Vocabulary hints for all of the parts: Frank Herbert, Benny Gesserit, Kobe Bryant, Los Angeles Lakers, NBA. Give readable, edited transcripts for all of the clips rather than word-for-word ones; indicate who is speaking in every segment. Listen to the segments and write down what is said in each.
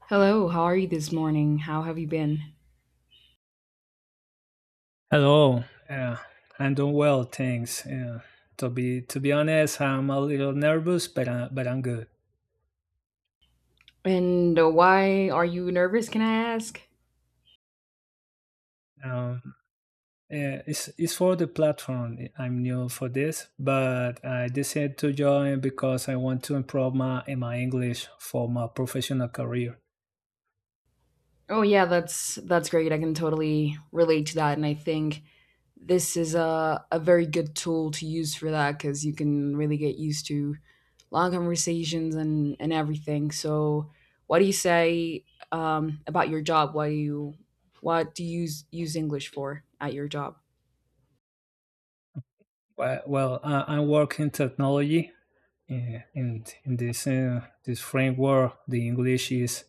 Speaker 1: Hello, how are you this morning? How have you been?
Speaker 2: Hello. Yeah, I'm doing well, thanks. Yeah. To be honest, I'm a little nervous, but I'm good.
Speaker 1: And why are you nervous, can I ask?
Speaker 2: Um, yeah, it's for the platform. I'm new for this, but I decided to join because I want to improve my in my English for my professional career.
Speaker 1: Oh yeah, that's great. I can totally relate to that, and I think this is a very good tool to use for that cuz you can really get used to long conversations and everything. So, what do you say about your job? What do you what do you use English for at your job?
Speaker 2: Well, I work in technology, yeah, and in this framework, the English is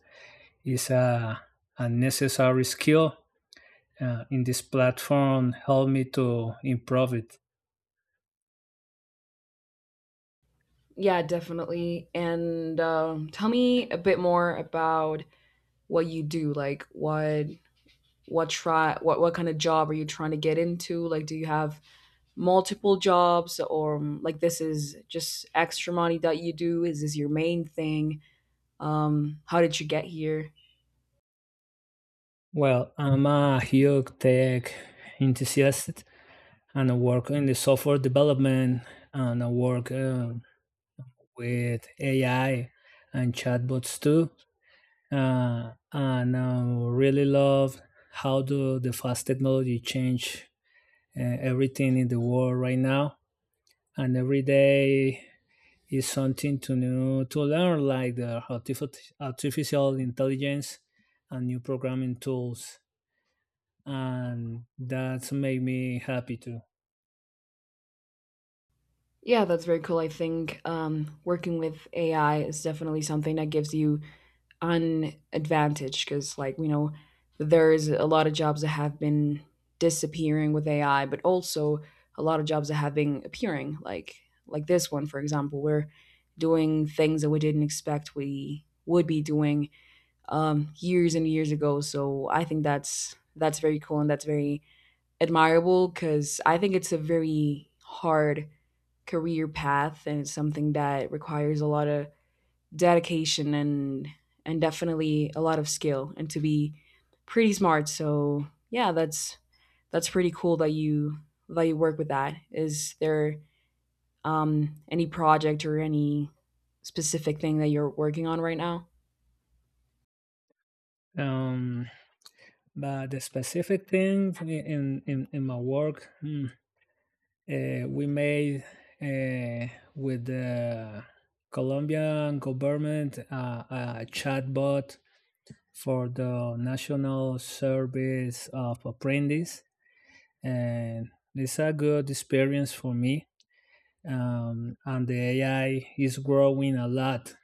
Speaker 2: is a necessary skill. In this platform, help me to improve it.
Speaker 1: Yeah, definitely. And tell me a bit more about what you do, like what try what kind of job are you trying to get into? Like, do you have multiple jobs, or like this is just extra money that you do, is this your main thing? Um, how did you get here?
Speaker 2: Well, I'm a huge tech enthusiast and I work in the software development, and I work with AI and chatbots too. And I really love how do the fast technology change everything in the world right now. And every day is something to new to learn, like the artificial intelligence and new programming tools, and that's made me happy too.
Speaker 1: Yeah, that's very cool. I think working with AI is definitely something that gives you an advantage, because like we know there's a lot of jobs that have been disappearing with AI, but also a lot of jobs that have been appearing, like this one, for example. We're doing things that we didn't expect we would be doing years and years ago. So I think that's very cool and that's very admirable, because I think it's a very hard career path and it's something that requires a lot of dedication and definitely a lot of skill, and to be pretty smart. So yeah, that's pretty cool that you work with that. Is there any project or any specific thing that you're working on right now?
Speaker 2: Um, but the specific thing in my work, we made uh, with the Colombian government a chatbot for the National Service of Apprentice, and it's a good experience for me. And the AI is growing a lot.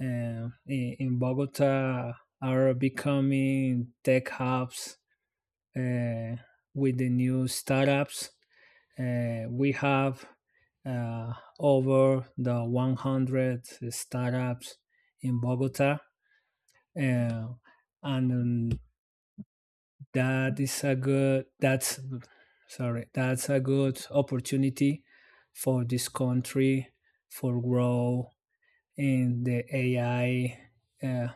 Speaker 2: In Bogota, are becoming tech hubs uh, with the new startups. We have uh, over the 100 startups in Bogota, uh, and that is a good that's sorry, that's a good opportunity for this country for grow in the AI uh,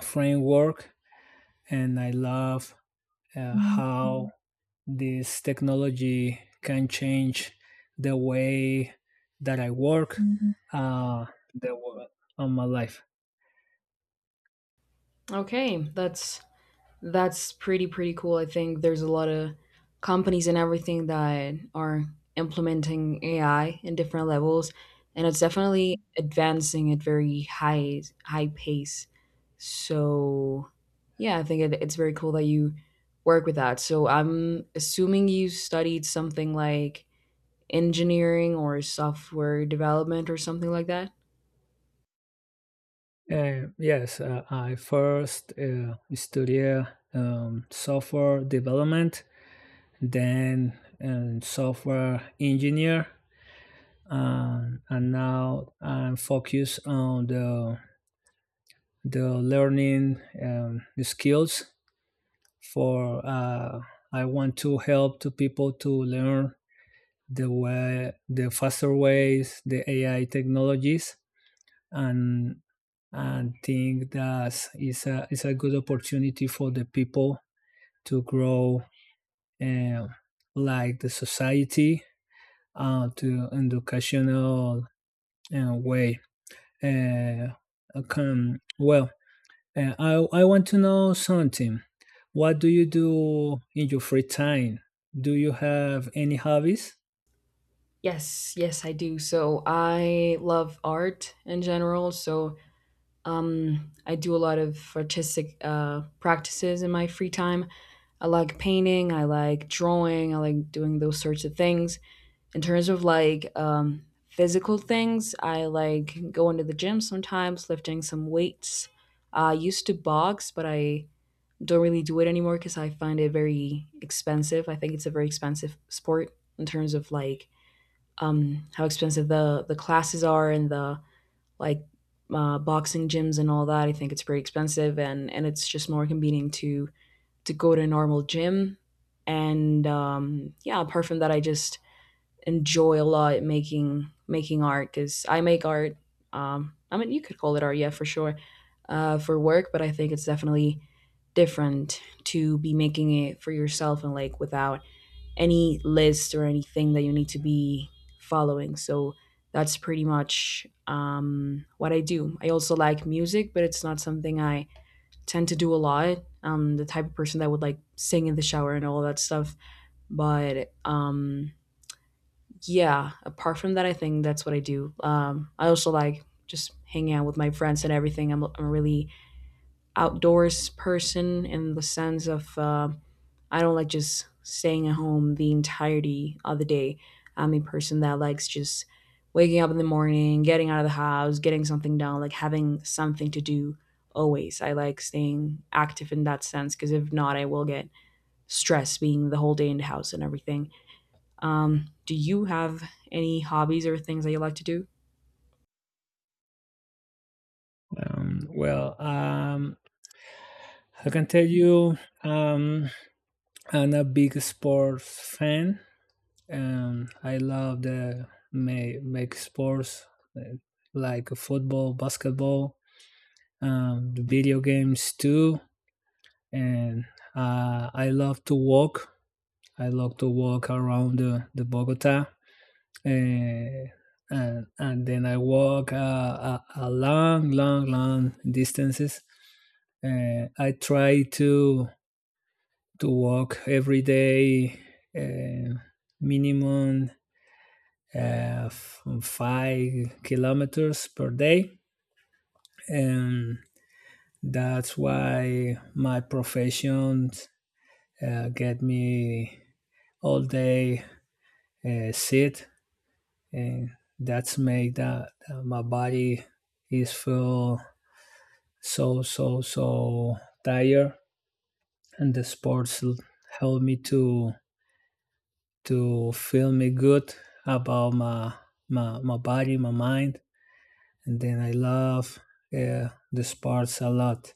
Speaker 2: framework. And I love how this technology can change the way that I work the wo- on my life.
Speaker 1: Okay, that's pretty cool. I think there's a lot of companies and everything that are implementing AI in different levels, and it's definitely advancing at very high pace. So yeah, I think it's very cool that you work with that. So I'm assuming you studied something like engineering or software development or something like that.
Speaker 2: Yes, I first studied software development, then software engineer, and now I'm focused on the learning, the skills for. I want to help to people to learn the way, the faster ways, the AI technologies, and think that it's a good opportunity for the people to grow, uh, like the society, to educational way. Uh, can well, I want to know something. What do you do in your free time? Do you have any hobbies?
Speaker 1: Yes, yes, I do. So I love art in general. So I do a lot of artistic practices in my free time. I like painting, I like drawing, I like doing those sorts of things. In terms of like physical things, I like going to the gym sometimes, lifting some weights. I used to box, but I don't really do it anymore because I find it very expensive. I think it's a very expensive sport in terms of like how expensive the classes are, and the like boxing gyms and all that. I think it's pretty expensive, and it's just more convenient to go to a normal gym. And yeah, apart from that, I just enjoy a lot making making art, because I make art. I mean, you could call it art, yeah, for sure, for work. But I think it's definitely different to be making it for yourself, and like without any list or anything that you need to be following. So that's pretty much what I do. I also like music, but it's not something I tend to do a lot. I'm the type of person that would like sing in the shower and all that stuff. But yeah, apart from that, I think that's what I do. I also like just hanging out with my friends and everything. I'm a really outdoors person in the sense of I don't like just staying at home the entirety of the day. I'm a person that likes just waking up in the morning, getting out of the house, getting something done, like having something to do always. I like staying active in that sense, because if not, I will get stressed being the whole day in the house and everything. Do you have any hobbies or things that you like to do?
Speaker 2: Well, I can tell you, um, I'm a big sports fan. I love the make sports, uh, like football, basketball, the video games too. And I love to walk. I love to walk around the Bogota, and then I walk a long, long, long distances. I try to walk every day, uh, minimum 5 kilometers per day, and that's why my profession get me all day sit, and that's make that my body is feel so, so, so tired, and the sports help me to feel me good about my my body, my mind. And then I love the sports a lot.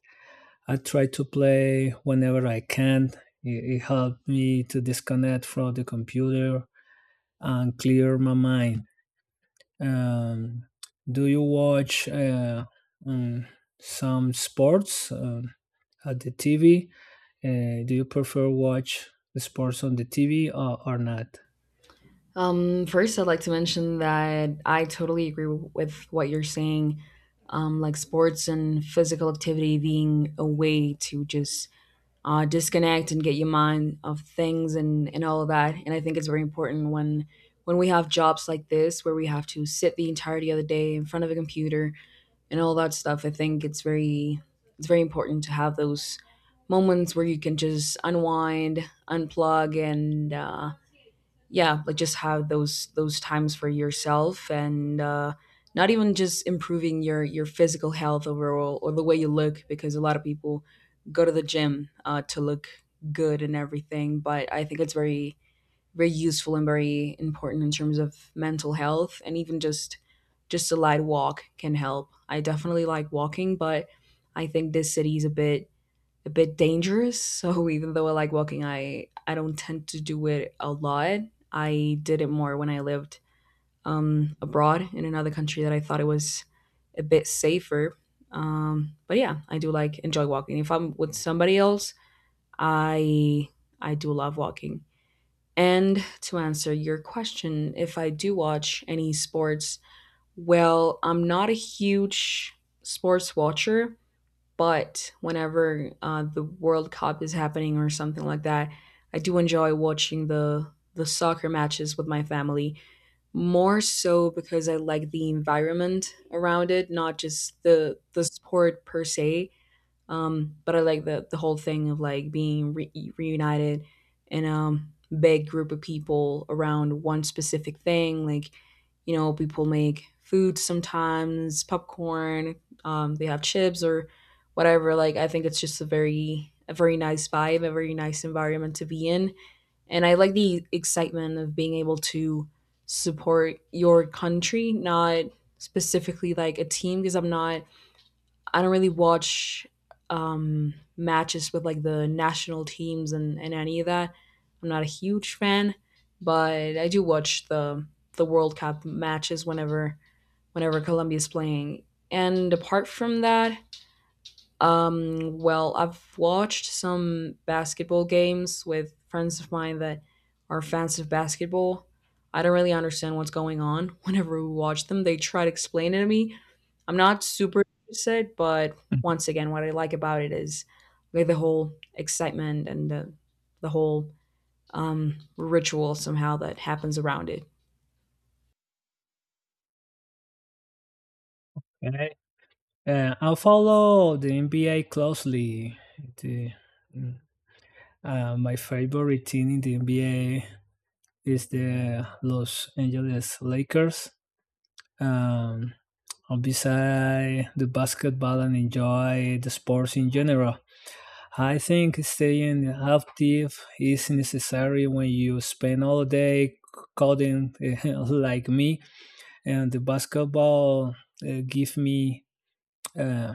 Speaker 2: I try to play whenever I can. It helped me to disconnect from the computer and clear my mind. Um, do you watch um, some sports at the TV? Do you prefer watch the sports on the TV or not?
Speaker 1: First, I'd like to mention that I totally agree with what you're saying. Like sports and physical activity being a way to just disconnect and get your mind off things, and all of that. And I think it's very important when we have jobs like this where we have to sit the entirety of the day in front of a computer and all that stuff. I think it's very important to have those moments where you can just unwind, unplug, and yeah, like just have those times for yourself, and not even just improving your physical health overall, or the way you look, because a lot of people go to the gym to look good and everything. But I think it's very very useful and very important in terms of mental health, and even just a light walk can help. I definitely like walking, but I think this city is a bit dangerous. So even though I like walking, I don't tend to do it a lot. I did it more when I lived abroad in another country that I thought it was a bit safer. But yeah, I do like enjoy walking. If I'm with somebody else, I I do love walking. And to answer your question, if I do watch any sports, well, I'm not a huge sports watcher. But whenever the World Cup is happening or something like that, I do enjoy watching the soccer matches with my family, more so because I like the environment around it, not just the sport per se. But I like the whole thing of like being reunited in a big group of people around one specific thing. Like, you know, people make food sometimes, popcorn. They have chips or whatever. Like, I think it's just a very nice vibe, a very nice environment to be in, and I like the excitement of being able to support your country, not specifically like a team, because I'm not I don't really watch matches with like the national teams, and any of that. I'm not a huge fan, but I do watch the World Cup matches whenever whenever Colombia is playing. And apart from that, well, I've watched some basketball games with friends of mine that are fans of basketball. I don't really understand what's going on whenever we watch them. They try to explain it to me, I'm not super interested, but once again, what I like about it is like the whole excitement and the whole ritual somehow that happens around it.
Speaker 2: Okay. I follow the NBA closely. The, mm, my favorite team in the NBA is the Los Angeles Lakers. Um, Beside the basketball and enjoy the sports in general. I think staying active is necessary when you spend all day coding like me, and the basketball give me uh,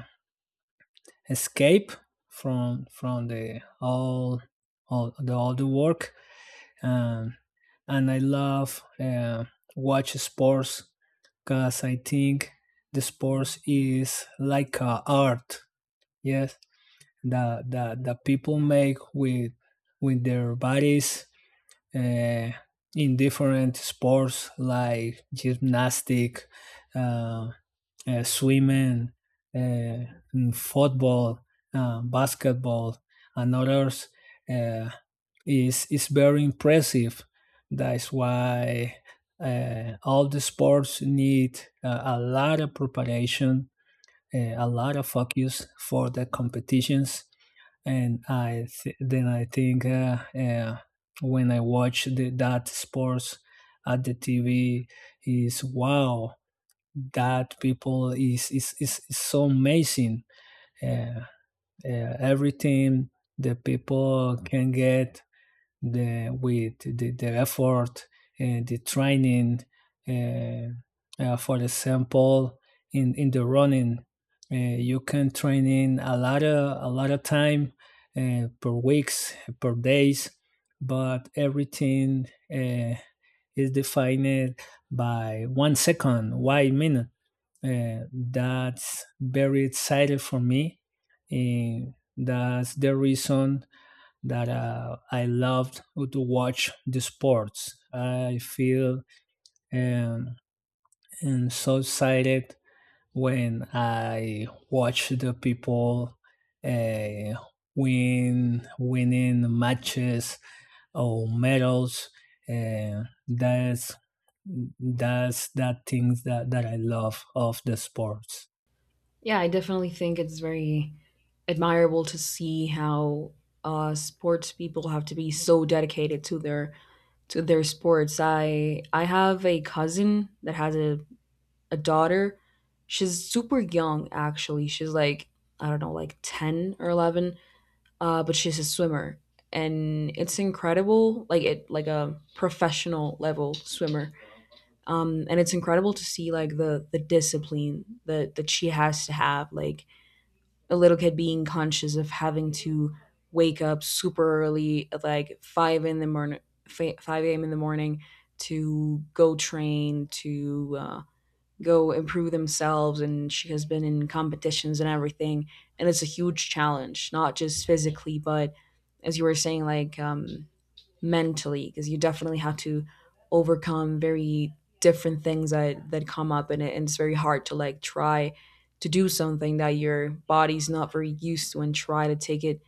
Speaker 2: escape from the all the work. um, and I love watch sports because I think the sports is like a art. Yes, that people make with their bodies uh, in different sports like gymnastic, uh, swimming, uh, football, basketball, and others, uh, is very impressive. That's why all the sports need a lot of preparation, a lot of focus for the competitions. And then I think when I watch that sports at the TV is wow that people is so amazing. Uh, Everything the people can get the with the effort and the training. Uh, for example, in the running, you can train in a lot of time per weeks per days, but everything uh, is defined by 1 second, 1 minute, that's very excited for me. And that's the reason that I loved to watch the sports. I feel um, and so excited when I watch the people uh, winning matches or medals. That's that things that I love of the sports.
Speaker 1: Yeah, I definitely think it's very admirable to see how sports people have to be so dedicated to their sports. I have a cousin that has a daughter. She's super young actually. She's like I don't know, like 10 or 11 but she's a swimmer, and it's incredible. Like it, like a professional level swimmer, and it's incredible to see like the discipline that that she has to have. Like a little kid being conscious of having to wake up super early at like five in the morning, five a.m. in the morning to go train to. Go improve themselves. And she has been in competitions and everything, and it's a huge challenge, not just physically, but as you were saying, like mentally, because you definitely have to overcome very different things that that come up in it. And it's very hard to like try to do something that your body's not very used to, and try to take it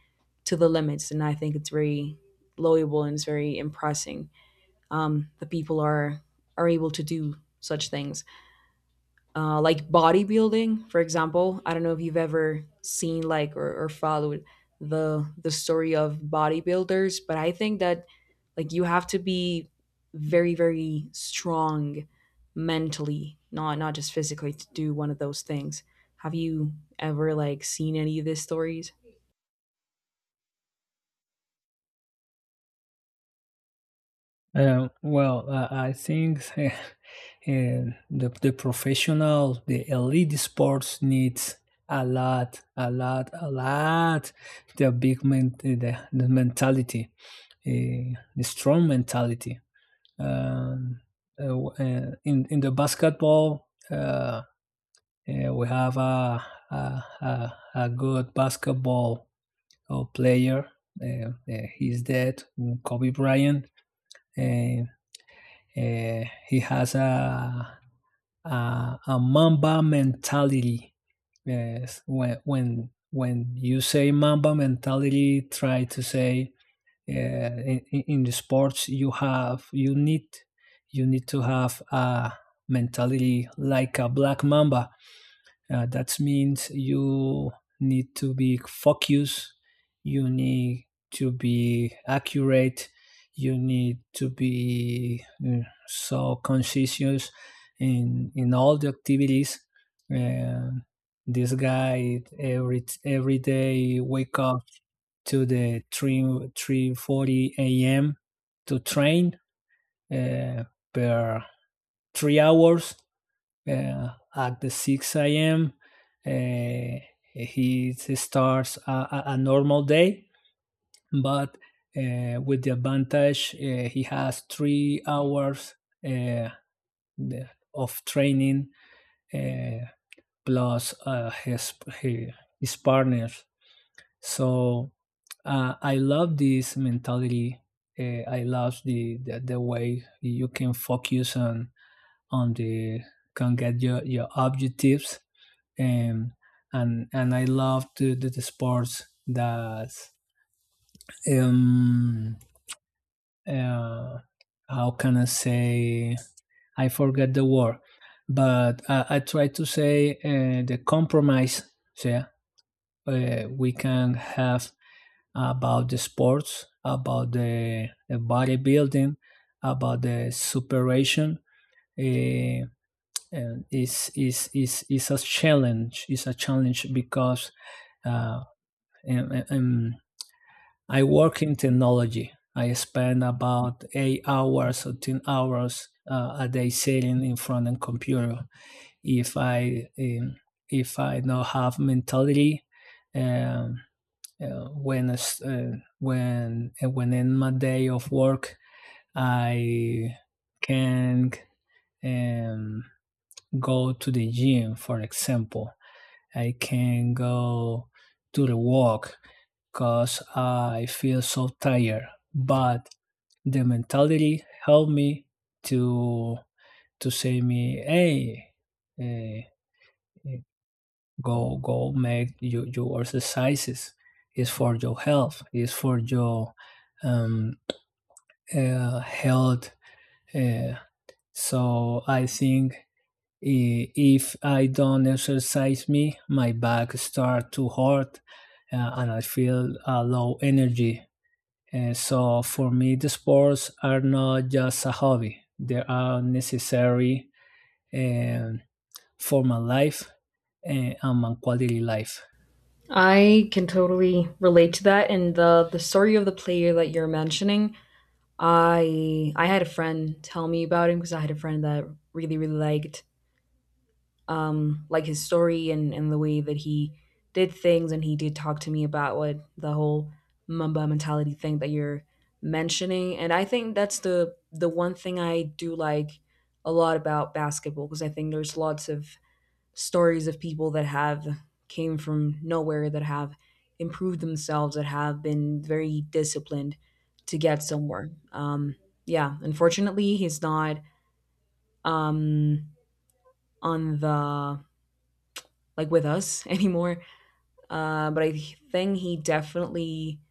Speaker 1: to the limits. And I think it's very loable and it's very impressing the people are able to do such things, like bodybuilding, for example. I don't know if you've ever seen like or followed the story of bodybuilders, but I think that like you have to be very very strong mentally, not not just physically, to do one of those things. Have you ever like seen any of these stories?
Speaker 2: Well, I think the the professional, the elite sports needs a lot, a lot, a lot. The big men, the mentality, the strong mentality. Um, in the basketball, we have a good basketball player. He's dead, Kobe Bryant. Eh, he has a Mamba mentality. Yes, when when you say Mamba mentality, try to say in the sports you need to have a mentality like a black Mamba, that means you need to be focused, you need to be accurate, you need to be so conscientious in all the activities. And this guy every day wake up to the 3, 3:40 a.m. to train, uh, per 3 hours, uh, at the 6 a.m. Uh, he starts normal day, but with the advantage, he has 3 hours uh, of training, uh, plus his partners. So I love this mentality. I love the way you can focus on the can get your objectives, and I love to do the sports that, um uh, how can I say, I forget the word, but I try to say the compromise. So, yeah, we can have about the sports, about the bodybuilding, about the superation. Uh, and is a challenge. It's a challenge because, uh, and I work in technology. I spend about 8 hours or 10 hours a day sitting in front of a computer. If I um, if I don't have mentality, um, uh, when uh, when in my day of work, I can, um, go to the gym, for example. I can go to the walk cause I feel so tired. But the mentality helped me to say me, hey, eh, go make your exercises. It's for your health. It's for your um, health. Uh, so I think if I don't exercise me, my back start to hurt, and I feel a low energy. So for me, the sports are not just a hobby; they are necessary, um, for my life and, my quality life.
Speaker 1: I can totally relate to that. And the story of the player that you're mentioning, I had a friend tell me about him, because I had a friend that really really liked like his story, and the way that he did things. And he did talk to me about what the whole Mamba mentality thing that you're mentioning. And I think that's the one thing I do like a lot about basketball, because I think there's lots of stories of people that have came from nowhere, that have improved themselves, that have been very disciplined to get somewhere. Yeah, unfortunately, he's not um, on the like with us anymore. But I think he definitely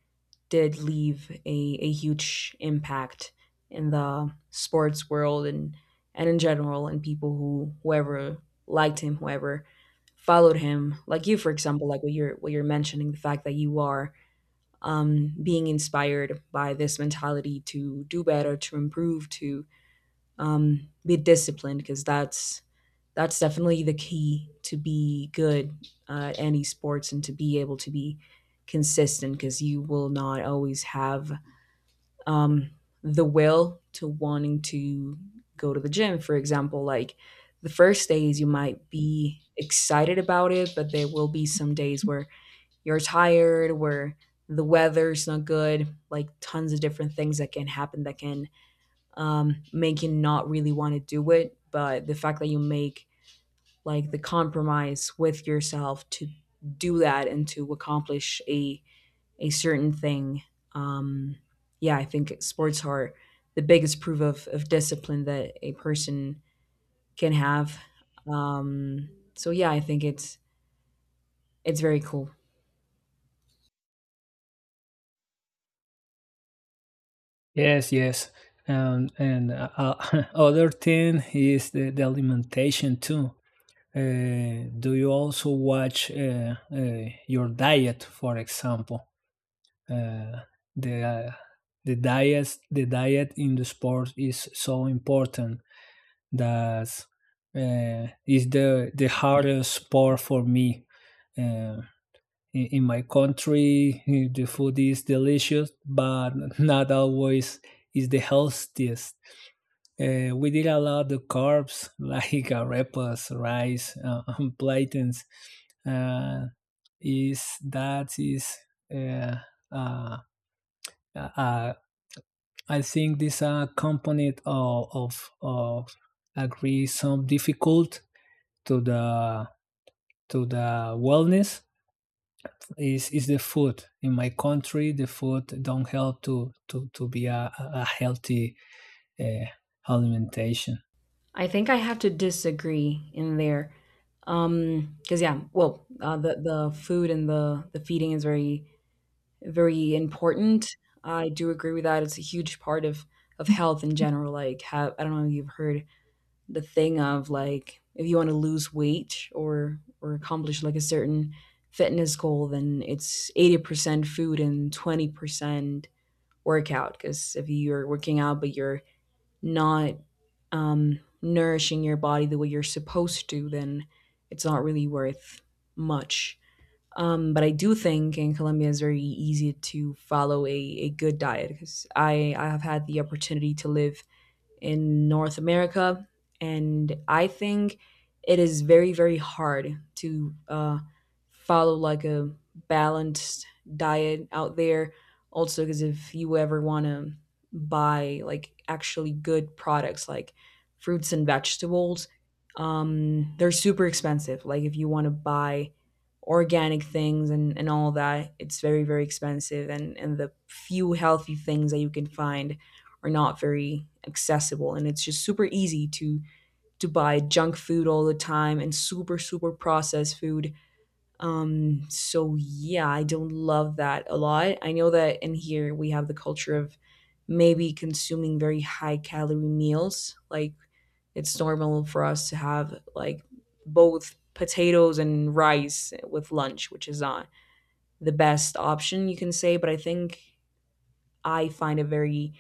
Speaker 1: did leave a huge impact in the sports world and in general and people who whoever liked him, whoever followed him, like you for example, like what you're mentioning, the fact that you are being inspired by this mentality to do better, to improve, to be disciplined because that's definitely the key to be good at any sports and to be able to be consistent because you will not always have um, the will to wanting to go to the gym, for example. Like the first days you might be excited about it, but there will be some days where you're tired, where the weather's not good, like tons of different things that can happen that can make you not really want to do it. But the fact that you make like the compromise with yourself to do that and to accomplish a certain thing, um, yeah, I think sports are the biggest proof of discipline that a person can have. Um, so yeah, I think it's very cool.
Speaker 2: Yes, yes, and other thing is the alimentation too. Do you also watch your diet, for example? Uh, the the diet in the sport is so important. That's is the hardest sport for me. Uh, in my country, the food is delicious, but not always is the healthiest. We did a lot of carbs like arepas, rice, and plantains. Uh, is that is uh, uh, uh, I think this, component of of agree some difficult to the wellness is the food in my country. The food don't help to be a healthy uh, alimentation.
Speaker 1: I think I have to disagree in there, because yeah, well, the food and the feeding is very very important. I do agree with that. It's a huge part of health in general. Like, have I don't know if you've heard the thing of like if you want to lose weight or accomplish like a certain fitness goal, then it's 80% food and 20% workout. Because if you're working out but you're not nourishing your body the way you're supposed to, then it's not really worth much. But I do think in Colombia it's very easy to follow a good diet because I have had the opportunity to live in North America. And I think it is very, very hard to follow like a balanced diet out there. Also, because if you ever want to buy like actually good products like fruits and vegetables, they're super expensive. Like if you want to buy organic things and all that, it's very, very expensive. And the few healthy things that you can find are not very accessible and it's just super easy to buy junk food all the time and super super processed food. So yeah, I don't love that a lot. I know that in here we have the culture of maybe consuming very high calorie meals. Like it's normal for us to have like both potatoes and rice with lunch, which is not the best option you can say, but I think I find it very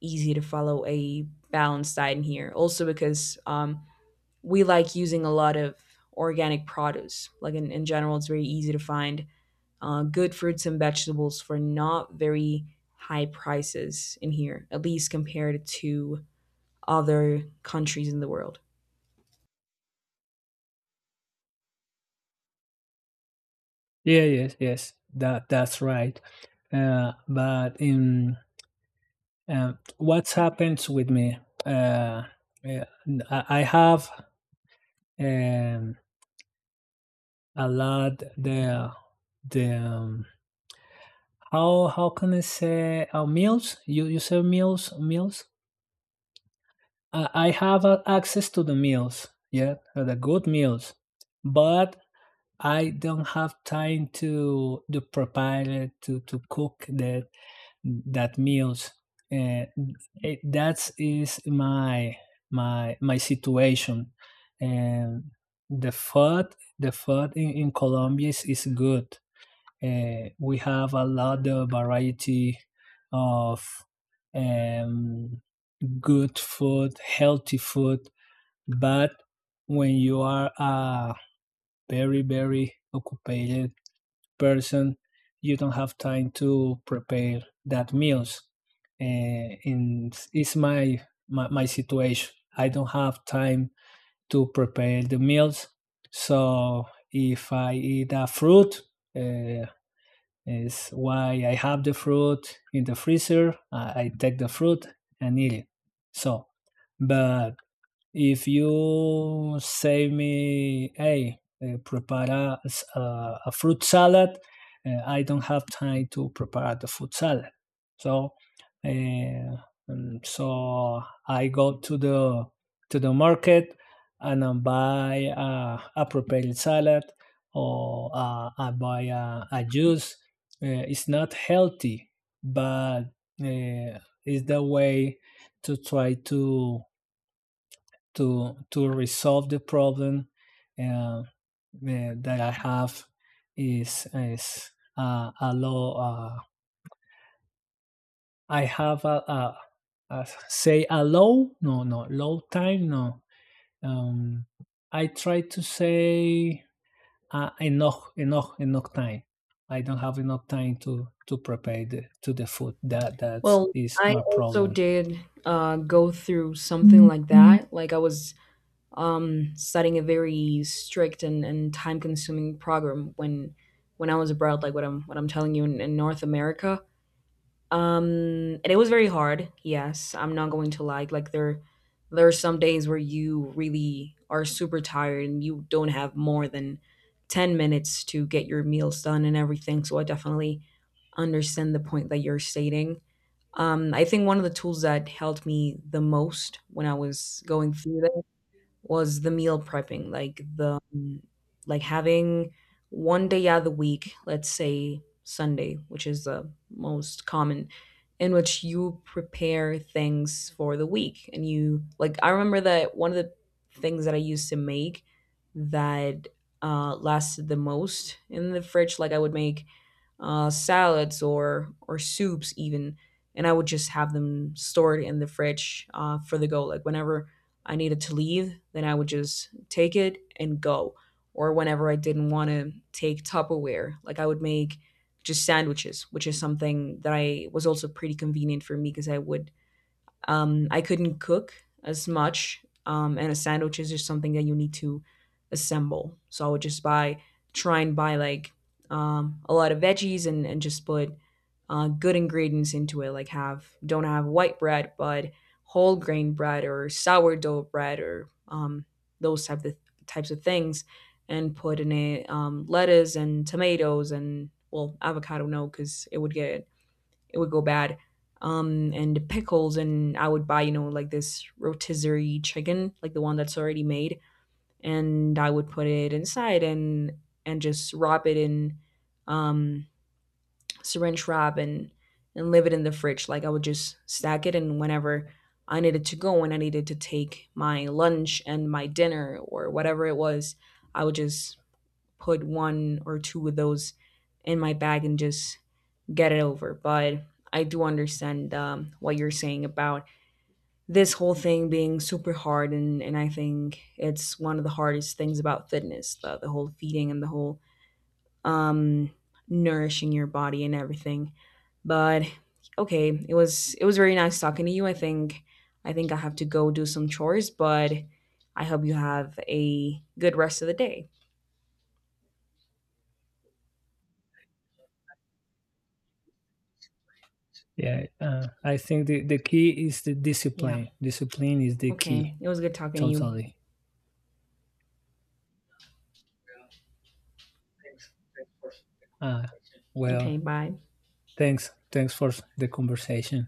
Speaker 1: easy to follow a balanced diet in here. Also, because we like using a lot of organic produce. Like in general, it's very easy to find good fruits and vegetables for not very high prices in here, at least compared to other countries in the world.
Speaker 2: Yeah, yes, yes, that's right. But in, what happens with me, uh, yeah, I have, um, a lot the the um, how can I say, meals. You say meals, I have access to the meals, yeah, the good meals, but I don't have time to prepare it, to cook that meals. Uh, that is my my situation, and the food, in Colombia is good. We have a lot of variety of, um, good food, healthy food, but when you are a very, very occupied person, you don't have time to prepare that meals. And it's my, my situation. I don't have time to prepare the meals. So if I eat a fruit, uh, is why I have the fruit in the freezer. I take the fruit and eat it. So, but if you say me, hey, prepare a fruit salad, I don't have time to prepare the fruit salad. So, uh, so I go to the market, and I buy a prepared salad, or I buy a juice. It's not healthy, but uh, it's the way to try to resolve the problem uh, uh, that I have is a low. I have a low. No, no low time. No. Um, I try to say, enough, enough, enough time. I don't have enough time to prepare to the food. That
Speaker 1: Well,
Speaker 2: is
Speaker 1: I
Speaker 2: my
Speaker 1: also
Speaker 2: problem.
Speaker 1: did go through something like that. Like I was studying a very strict and time consuming program when I was abroad, like what I'm telling you in North America. Um, and it was very hard. Yes, I'm not going to lie. Like there are some days where you really are super tired and you don't have more than 10 minutes to get your meals done and everything. So I definitely understand the point that you're stating. I think one of the tools that helped me the most when I was going through was the meal prepping, like the like having one day out of the week, let's say Sunday, which is the most common, in which you prepare things for the week. And you like I remember that one of the things that I used to make that lasted the most in the fridge, like I would make salads or soups even, and I would just have them stored in the fridge for the go. Like whenever I needed to leave, then I would just take it and go. Or whenever I didn't want to take Tupperware, like I would make just sandwiches, which is something that I was also pretty convenient for me because I would I couldn't cook as much, and a sandwich is just something that you need to assemble. So I would just buy, try and buy like a lot of veggies and just put good ingredients into it. Like have don't have white bread, but whole grain bread or sourdough bread or those type of types of things, and put in it lettuce and tomatoes and well avocado no because it would get it would go bad. And the pickles, and I would buy, you know, like this rotisserie chicken, like the one that's already made, and I would put it inside and just wrap it in um, syringe wrap and leave it in the fridge. Like I would just stack it, and whenever I needed to go and I needed to take my lunch and my dinner or whatever it was, I would just put one or two of those in my bag and just get it over. But I do understand what you're saying about this whole thing being super hard. And I think it's one of the hardest things about fitness, the whole feeding and the whole um, nourishing your body and everything. But okay, it was very nice talking to you. I think I think I have to go do some chores, but I hope you have a good rest of the day.
Speaker 2: Yeah, I think the key is the
Speaker 1: Yeah.
Speaker 2: discipline. Discipline is the
Speaker 1: Okay.
Speaker 2: key,
Speaker 1: It was good talking to you.
Speaker 2: totally. Uh,
Speaker 1: Okay,
Speaker 2: well,
Speaker 1: bye.
Speaker 2: thanks. Thanks for the conversation.